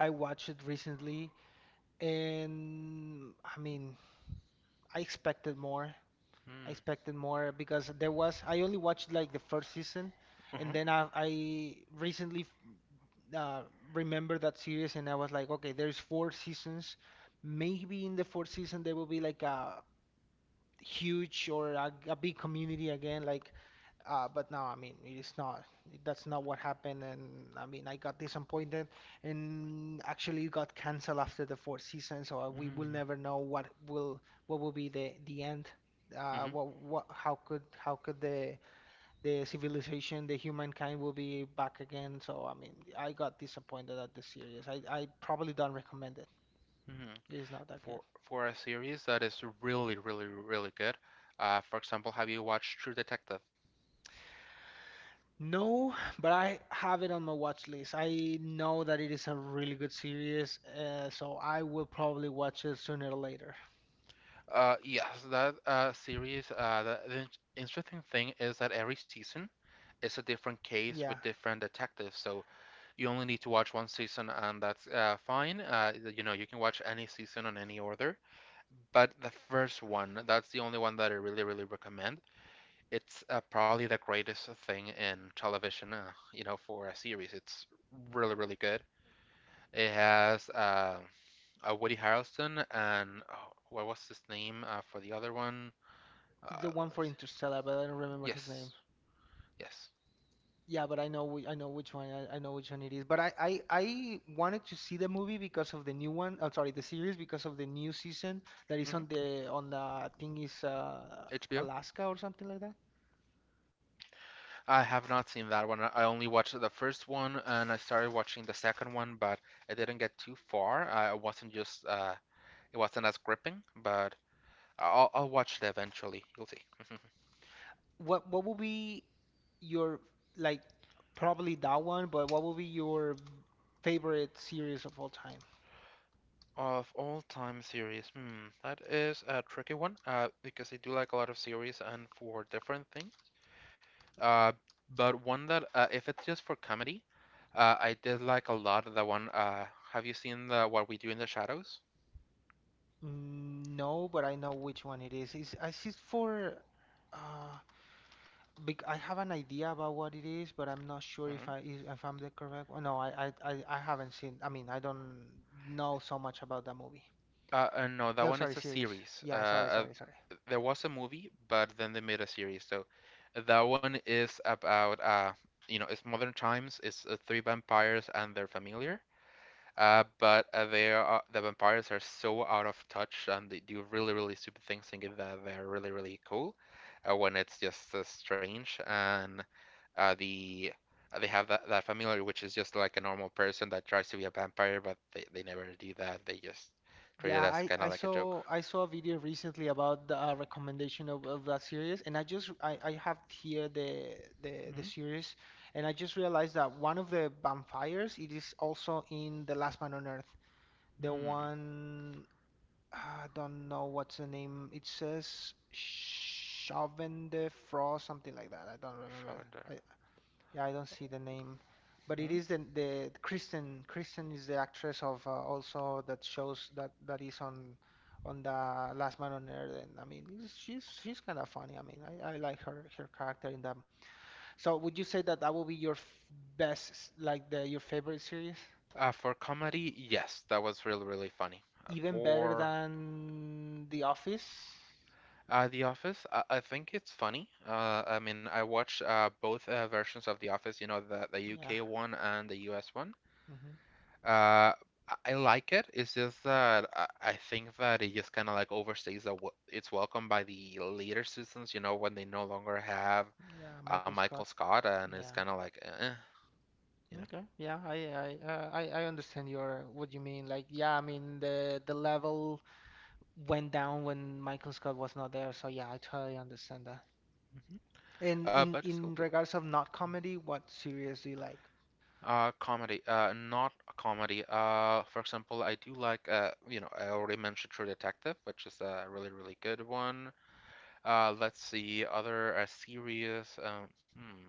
B: I watched it recently, and I mean, I expected more. I
A: Hmm.
B: expected more because there was I only watched like the first season,
A: Uh-huh.
B: and then I I recently uh, remembered that series and I was like, okay, there's four seasons. Maybe in the fourth season there will be like a huge or a, a big community again, like uh, but no, I mean, it's not. That's not what happened. And I mean, I got disappointed and actually it got canceled after the fourth season. So uh, we will
A: Mm-hmm.
B: never know what will what will be the the end. Uh,
A: Mm-hmm.
B: what what How could how could the the civilization, the humankind will be back again? So I mean, I got disappointed at the series. I I probably don't recommend it.
A: Hmm.
B: It is not that good.
A: For for a series that is really, really, really good. Uh, for example, have you watched True Detective?
B: No, but I have it on my watch list. I know that it is a really good series, uh, so I will probably watch it sooner or later.
A: Uh, yes, that uh series. Uh, the, the in- interesting thing is that every season is a different case with
B: Yeah,
A: different detectives. So you only need to watch one season, and that's uh fine. Uh, you know, you can watch any season on any order. But the first one, that's the only one that I really, really recommend. It's uh, probably the greatest thing in television, uh, you know, for a series. It's really, really good. It has uh, uh, Woody Harrelson and oh, what was his name uh, for the other one?
B: it's the
A: Uh,
B: one for
A: let's see.
B: Interstellar, but I don't remember his
A: Yes,
B: name.
A: yes.
B: Yeah, but I know whi- I know which one I, I know which one it is. But I, I I wanted to see the movie because of the new one. I'm sorry, the series because of the new season that is on
A: Hmm.
B: the on the I think is uh,
A: H B O.
B: Alaska or something like that.
A: I have not seen that one. I only watched the first one and I started watching the second one, but I didn't get too far. I wasn't just uh, it wasn't as gripping, but I'll, I'll watch it eventually. You'll see.
B: What what will be Your like probably that one, but what will be your favorite series of all time?
A: Of all time series, hmm, that is a tricky one, uh, because I do like a lot of series and for different things. Uh, but one that, uh, if it's just for comedy, uh, I did like a lot of the one. Uh, have you seen the What We Do in the Shadows?
B: Mm, No, but I know which one it is. It's, it's just for uh bec I have an idea about what it is, but I'm not sure if
A: Hmm.
B: I is- if I'm the correct one. No, I, I I I haven't seen. I mean, I don't know so much about that movie.
A: Uh, uh, no, that
B: No,
A: one is
B: sorry,
A: a
B: series.
A: series. Uh,
B: Yeah, sorry,
A: uh,
B: sorry, sorry.
A: there was a movie, but then they made a series. So that one is about, uh, you know, it's modern times. It's uh, three vampires and their familiar. Uh, but uh, they are the vampires are so out of touch, and they do really, really stupid things, thinking that they're really, really cool, uh, when it's just uh, strange. And uh, the uh, they have that that familiar, which is just like a normal person that tries to be a vampire, but they, they never do that. They just treat it
B: Yeah,
A: as
B: I,
A: kind of
B: I
A: like a joke.
B: saw I saw a video recently about the uh, recommendation of, of that series, and I just I, I have here the the
A: Hmm.
B: the series, and I just realized that one of the vampires it is also in The Last Man on Earth. The one I don't know what's the name. It says Chauvin de Frost, something like that. I don't remember.
A: Charmander.
B: I, yeah, I don't see the name, but it
A: Hmm?
B: is the the Kristen. Kristen is the actress of uh, also that shows that that is on on the Last Man on Earth, and I mean, it's, she's she's kind of funny. I mean, I, I like her her character in that. So would you say that that will be your f best, s- like the your favorite series,
A: Uh, for comedy, yes, that was really, really funny. Uh,
B: even better
A: for
B: than The Office?
A: Uh, The Office, I, I think it's funny. Uh, I mean, I watched uh, both uh, versions of The Office, you know, the, the
B: Yeah.
A: U K one and the U S one.
B: Hmm.
A: Uh, I I like it. It's just that I, I think that it just kind of like overstays the, wel- its welcome by the later seasons, you know, when they no longer have
B: Yeah,
A: uh,
B: Michael
A: Michael
B: Scott.
A: Scott and it's
B: Yeah.
A: kind of like, eh, you know.
B: Okay. Yeah, I I uh, I I understand your what you mean. Like, yeah, I mean the the level went down when Michael Scott was not there, so yeah, I totally understand that.
A: Mhm.
B: And
A: Uh,
B: in
A: but it's still
B: in
A: good.
B: regards of not comedy, what series do you like?
A: Uh, comedy, uh, not a comedy. Uh, for example, I do like, uh, you know, I already mentioned True Detective, which is a really, really good one. Uh, let's see, other uh, series. Um, hmm.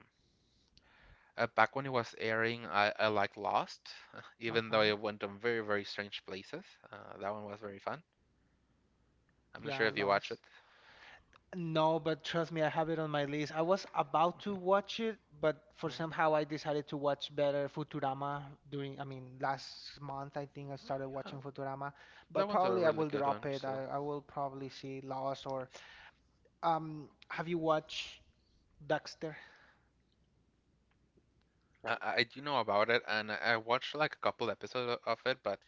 A: Uh, back when it was airing, I, I liked Lost, even though
B: Okay.
A: it went to very, very strange places. Uh, that one was very fun. I'm not sure
B: Yeah,
A: if you watch it.
B: Lost. No, but trust me, I have it on my list. I was about
A: Mhm.
B: to watch it, but for
A: Mhm.
B: somehow I decided to watch better Futurama during, I mean, last month I think I started
A: Yeah,
B: watching Futurama,
A: that
B: but
A: one's a
B: probably I
A: really
B: will
A: good one.
B: drop it.
A: So
B: I, I will probably see Lost or um, have you watched Dexter?
A: I, I I do know about it, and I I watched like a couple episodes of it, but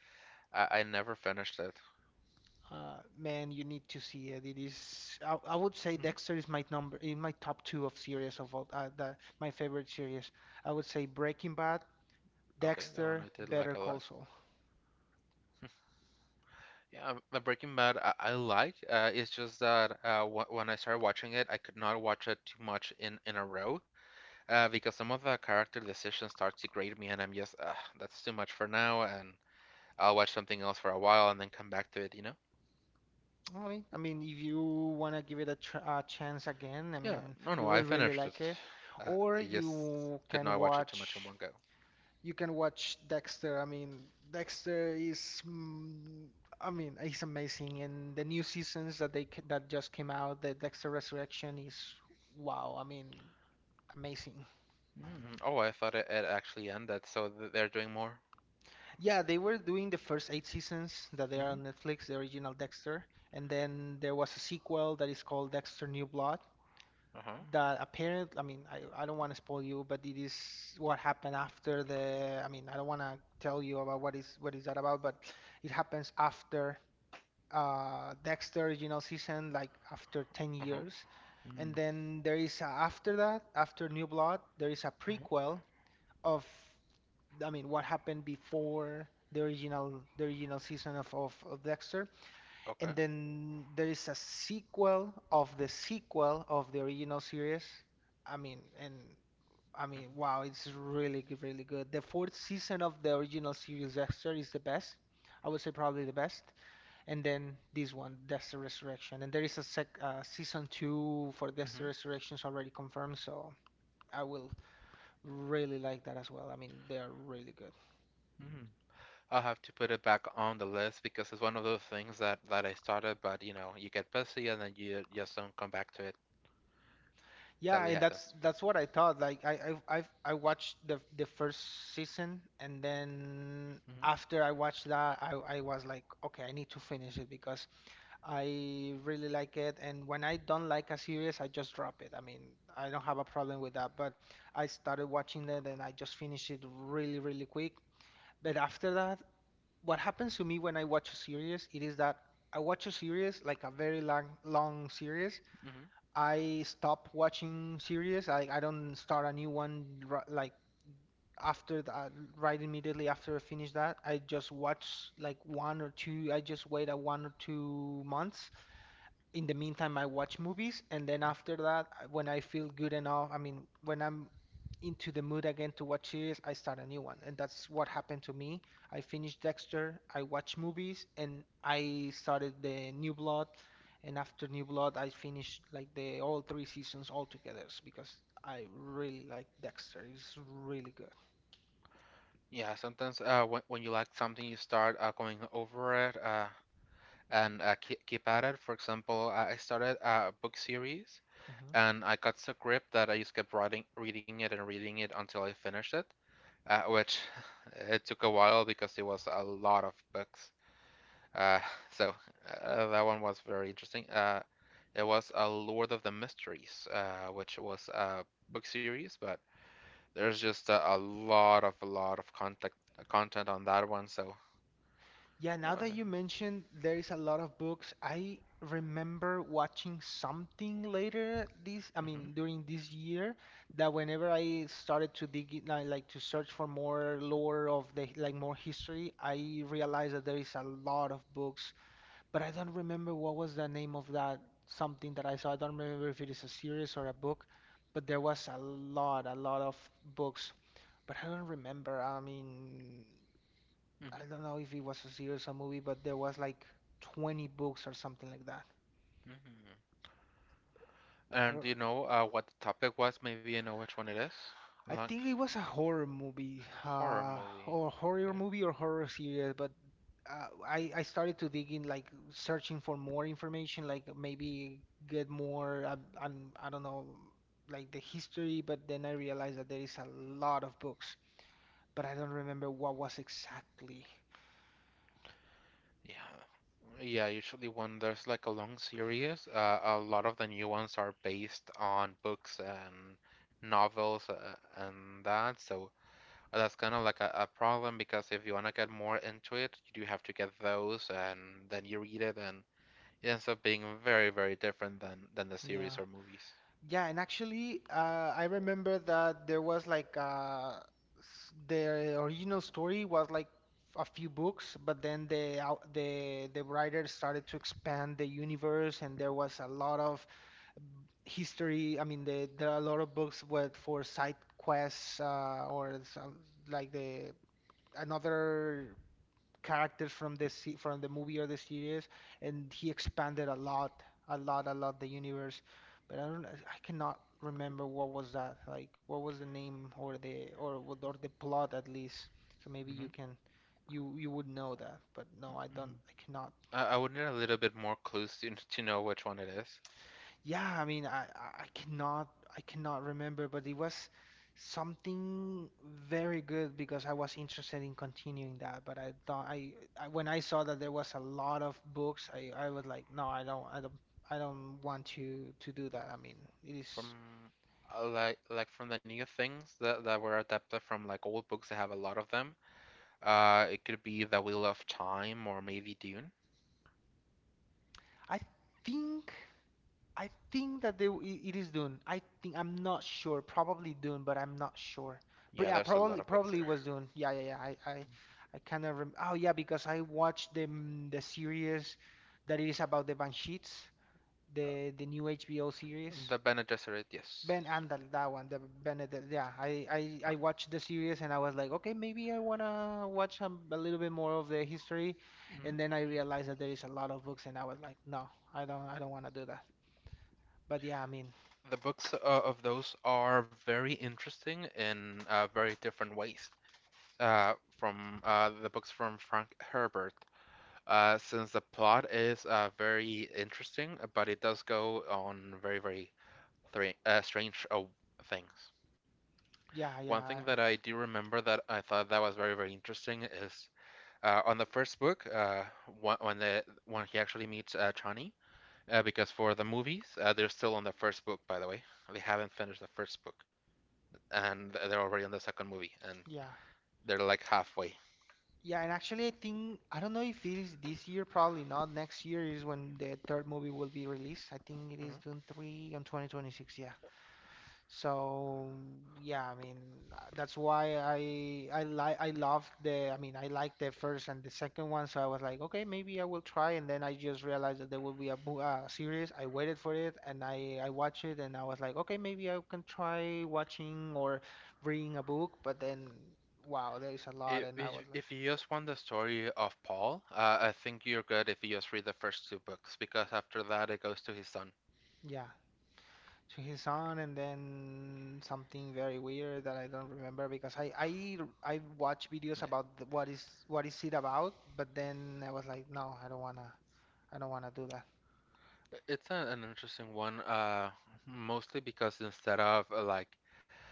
A: I, I never finished it.
B: Uh, man, you need to see it. It is. I, I would say Dexter is my number in my top two of series of all. Uh, the, my favorite series. I would say Breaking Bad,
A: Okay, that one
B: Dexter,
A: I did
B: Better
A: like a
B: Call
A: lot.
B: Saul.
A: Yeah, um, the Breaking Bad I, I like. Uh, it's just that uh, w when I started watching it, I could not watch it too much in in a row uh, because some of the character decisions start to grate me, and I'm just uh, that's too much for now, and I'll watch something else for a while and then come back to it, you know?
B: I mean, I mean, if you wanna give it a, tr a chance again, I
A: Yeah,
B: mean,
A: no, no,
B: you
A: I
B: will really
A: finished it.
B: like it.
A: Uh, I
B: Or
A: just
B: you
A: could
B: can
A: not watch it too much in
B: watch.
A: one go.
B: You can watch Dexter. I mean, Dexter is, mm, I mean, it's amazing. And the new seasons that they ca- that just came out, the Dexter Resurrection is wow. I mean, amazing.
A: Mm, oh, I thought it, it actually ended, so th they're doing more.
B: Yeah, they were doing the first eight seasons that they are on Netflix, the original Dexter, and then there was a sequel that is called Dexter New Blood.
A: Uh-huh.
B: That apparent, I mean, I, I don't want to spoil you, but it is what happened after the. I mean, I don't want to tell you about what is what is that about, but it happens after uh, Dexter original season like after ten
A: Uh-huh.
B: years. And then there is a, after that, after New Blood, there is a
A: Uh-huh.
B: prequel of I mean what happened before the original the original season of, of, of Dexter.
A: Okay.
B: And then there is a sequel of the sequel of the original series. I mean and I mean wow, it's really good, really good. The fourth season of the original series Dexter is the best. I would say probably the best, and then this one, Death's Resurrection. And there is a sec uh, season two for Death's Resurrection is already confirmed, so I will really like that as well. I mean, they are really good.
A: I'll have to put it back on the list because it's one of those things that that I started, but you know, you get busy and then you just don't come back to it.
B: Yeah,
A: Sadly
B: and that's
A: happens.
B: that's what I thought. Like I I I I watched the the first season, and then after I watched that, I I was like, okay, I need to finish it because I really like it, and when I don't like a series, I just drop it. I mean, I don't have a problem with that, but I started watching it and I just finished it really, really quick. But after that, what happens to me when I watch a series, it is that I watch a series, like a very long, long series. I stop watching series. I, I don't start a new one ri- like after that, right immediately after I finish that. I just watch like one or two, I just wait a one or two months in the meantime, I watch movies, and then after that, I- when I feel good enough, I mean, when I'm into the mood again to watch series, I start a new one, and that's what happened to me. I finished Dexter, I watched movies, and I started the New Blood, and after New Blood, I finished like the all three seasons all together because I really like Dexter. It's really good.
A: Yeah, sometimes uh, when when you like something, you start uh, going over it uh, and uh, keep keep at it. For example, I started a book series
B: Hmm.
A: and I got so gripped that I just kept writing, reading it and reading it until I finished it, uh, which it took a while because it was a lot of books. Uh, so uh, that one was very interesting. Uh, it was a Lord of the Mysteries, uh, which was a book series, but there's just a, a lot of a lot of content content on that one. So
B: Yeah,
A: it
B: now that
A: was.
B: you mentioned there is a lot of books, I remember watching something later this, I
A: hmm
B: mean, during this year, that whenever I started to dig in, I like to search for more lore of the, like more history, I realized that there is a lot of books, but I don't remember what was the name of that something that I saw. I don't remember if it is a series or a book, but there was a lot, a lot of books, but I don't remember. I mean, I don't know if it was a series or movie, but there was like twenty books or something like that.
A: hmm
B: But I,
A: And do
B: don't-
A: you know uh, what the topic was? Maybe you know which one it is.
B: I
A: Like
B: think it was a horror movie,
A: horror
B: uh,
A: movie.
B: or horror
A: Okay.
B: movie or horror series. But uh, I I started to dig in, like searching for more information, like maybe get more, um, um, I don't know, like the history. But then I realized that there is a lot of books, but I don't remember what was exactly.
A: Yeah. Yeah, usually when there's like a long series, uh, a lot of the new ones are based on books and novels uh, and that. So that's kind of like a, a problem because if you want to get more into it, you do have to get those and then you read it and it ends up being very, very different than than the series
B: Yeah.
A: or movies.
B: Yeah, and actually, uh, I remember that there was like uh, s- the original story was like a few books, but then the out- the the writer started to expand the universe, and there was a lot of history. I mean, the, there are a lot of books with for side quests uh, or some, like the another characters from the se- from the movie or the series, and he expanded a lot, a lot, a lot the universe. But I don't, I cannot remember what was that like. What was the name or the or what- or the plot at least? So maybe you can, you you would know that. But no, I don't. I cannot.
A: I, I would need a little bit more clues to, to know which one it is.
B: Yeah, I mean, I, I I cannot I cannot remember, but it was something very good because I was interested in continuing that. But I thought I, I when I saw that there was a lot of books, I I was like, no, I don't I don't I don't want to to do that. I mean, it is
A: From uh, like like from the new things that, that were adapted from like old books that have a lot of them. Uh, it could be The Wheel of Time or maybe Dune.
B: I think. I think that they, it is Dune. I think I'm not sure. Probably Dune, but I'm not sure.
A: Yeah,
B: But yeah,
A: there's a lot
B: probably
A: of books
B: probably
A: there.
B: it was Dune. Yeah, yeah, yeah. I I, I kind of rem oh yeah, because I watched the mm, the series that is about the Banshees,
A: Uh,
B: the the new H B O series.
A: the Bene Gesserit, yes.
B: Ben Andal, that one, the Benedict. Yeah, I
A: Uh,
B: I I watched the series and I was like, okay, maybe I wanna watch a, a little bit more of the history, and then I realized that there is a lot of books, and I was like, no, I don't I don't wanna do that. But yeah, I mean.
A: the books uh, of those are very interesting in uh, very different ways uh, from uh, the books from Frank Herbert. Uh, since the plot is uh, very interesting, but it does go on very, very thra- uh, strange uh, things.
B: Yeah,
A: One
B: yeah,
A: thing that I do remember that I thought that was very, very interesting is uh, on the first book, uh, wh- when the when he actually meets uh, Chani, uh, because for the movies, uh, they're still on the first book, by the way. They haven't finished the first book, and they're already on the second movie, and
B: yeah,
A: they're like halfway.
B: yeah. And actually, I think I don't know if it is this year. Probably not. Next year is when the third movie will be released. I think it is
A: Mhm.
B: Dune three on twenty twenty-six. Yeah. So yeah, I mean uh, that's why I I like I loved the I mean I liked the first and the second one. So I was like, okay, maybe I will try. And then I just realized that there will be a bo- uh, series. I waited for it and I I watched it and I was like, okay, maybe I can try watching or reading a book. But then wow, there is a lot,
A: If,
B: and I was
A: if
B: like,
A: if you just want the story of Paul, uh, I think you're good if you just read the first two books, because after that it goes to his son.
B: yeah. To his son and then something very weird that I don't remember because I I I watch videos
A: Yeah.
B: about the, what is what is it about, but then I was like, no, I don't wanna I don't wanna do that.
A: It's a, an interesting one, uh, mostly because instead of uh, like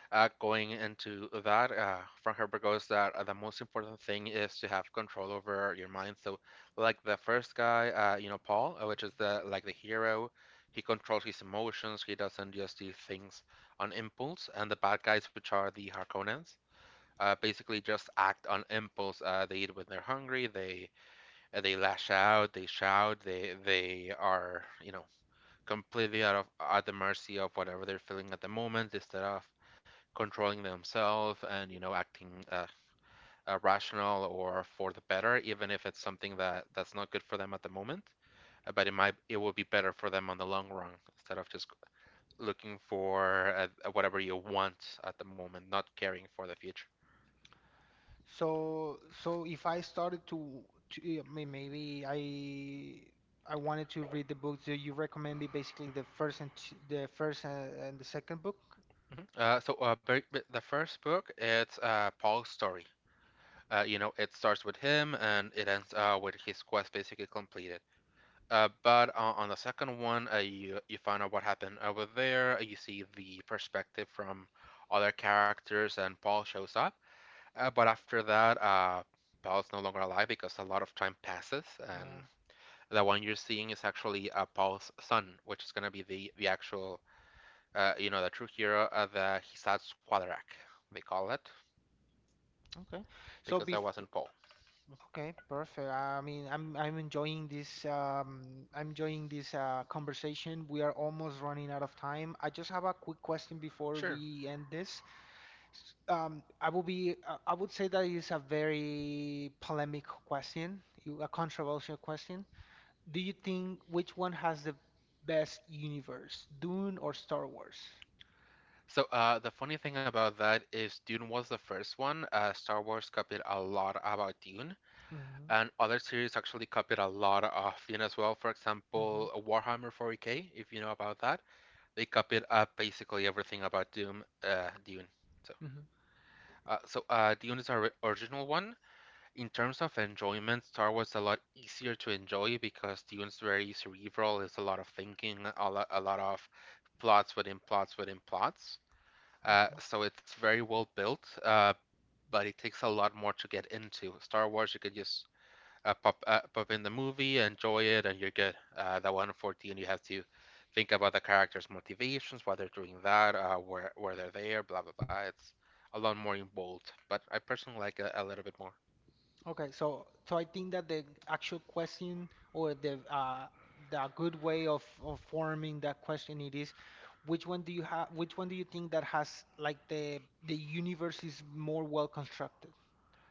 A: uh, going into that, uh, Frank Herbert goes that uh, the most important thing is to have control over your mind. So, like the first guy, uh, you know, Paul, uh, which is the like the hero, he controls his emotions. He doesn't just do things on impulse. And the bad guys, which are the Harkonnens, uh, basically just act on impulse. Uh, they eat when they're hungry. They uh, they lash out. They shout. They they are, you know, completely out of at the mercy of whatever they're feeling at the moment instead of controlling themselves and, you know, acting uh, uh, rational or for the better, even if it's something that that's not good for them at the moment. Uh, But it might it will be better for them on the long run instead of just looking for uh, whatever you want at the moment, not caring for the future.
B: So so if I started to, to I mean, maybe I I wanted to read the books that you recommend me, basically the first and t- the first and, and the second book.
A: Mhm. Uh, so uh, the first book it's uh, Paul's story. Uh, you know, it starts with him and it ends uh, with his quest basically completed. Uh, but uh, on the second one, uh, you you find out what happened over there. You see the perspective from other characters, and Paul shows up. Uh, but after that, uh, Paul's no longer alive because a lot of time passes, and
B: Yeah.
A: the one you're seeing is actually uh, Paul's son, which is gonna be the the actual, uh, you know, the true hero, uh, the Hisatsu Quadrac, they call it,
B: Okay. So
A: because
B: bef
A: that wasn't Paul.
B: Okay, perfect. I mean, I'm I'm enjoying this um I'm enjoying this uh conversation. We are almost running out of time. I just have a quick question before
A: Sure.
B: we end this. S- Um, I will be uh, I would say that is a very polemic question, you- a controversial question. Do you think which one has the best universe, Dune or Star Wars?
A: So uh, the funny thing about that is Dune was the first one. Uh, Star Wars copied a lot about Dune.
B: Mm-hmm.
A: And other series actually copied a lot of Dune as well. For
B: Mm-hmm.
A: example, Warhammer forty K, if you know about that, they copied uh, basically everything about Doom, uh, Dune. So, uh, so uh, Dune is our original one. In terms of enjoyment, Star Wars is a lot easier to enjoy because Dune is very cerebral. It's a lot of thinking, a lot, a lot of plots within plots within plots. Uh,
B: Mm-hmm.
A: so it's very well built, uh, but it takes a lot more to get into. Star Wars, you could just uh, pop uh, pop in the movie, enjoy it, and you're good. Uh, that one fourteen, you have to think about the characters' motivations, why they're doing that, uh, where where they're there, blah blah blah. It's a lot more involved, but I personally like a, a little bit more.
B: Okay, so so I think that the actual question or the uh the good way of, of forming that question it is which one do you have which one do you think that has like the the universe is more well constructed?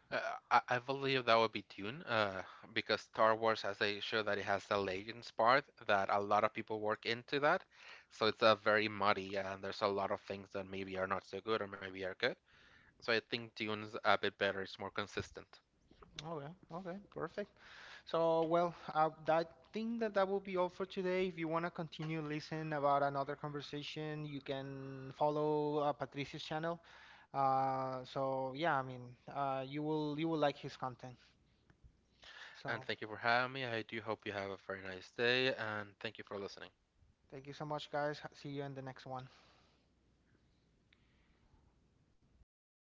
A: Uh, I, I believe that would be Dune, uh, because Star Wars has a show that it has the legends part that a lot of people work into that, so it's a very muddy and there's a lot of things that maybe are not so good or maybe are good. So I think Dune's a bit better, it's more consistent.
B: Okay, okay, perfect. So well, uh, I think that that will be all for today. If you want to continue listen about another conversation, you can follow uh, Patricia's channel. Uh, so yeah, I mean, uh, you will you will like his content.
A: And
B: So.
A: thank you for having me. I do hope you have a very nice day, and thank you for listening.
B: Thank you so much, guys. See you in the next one. Oh.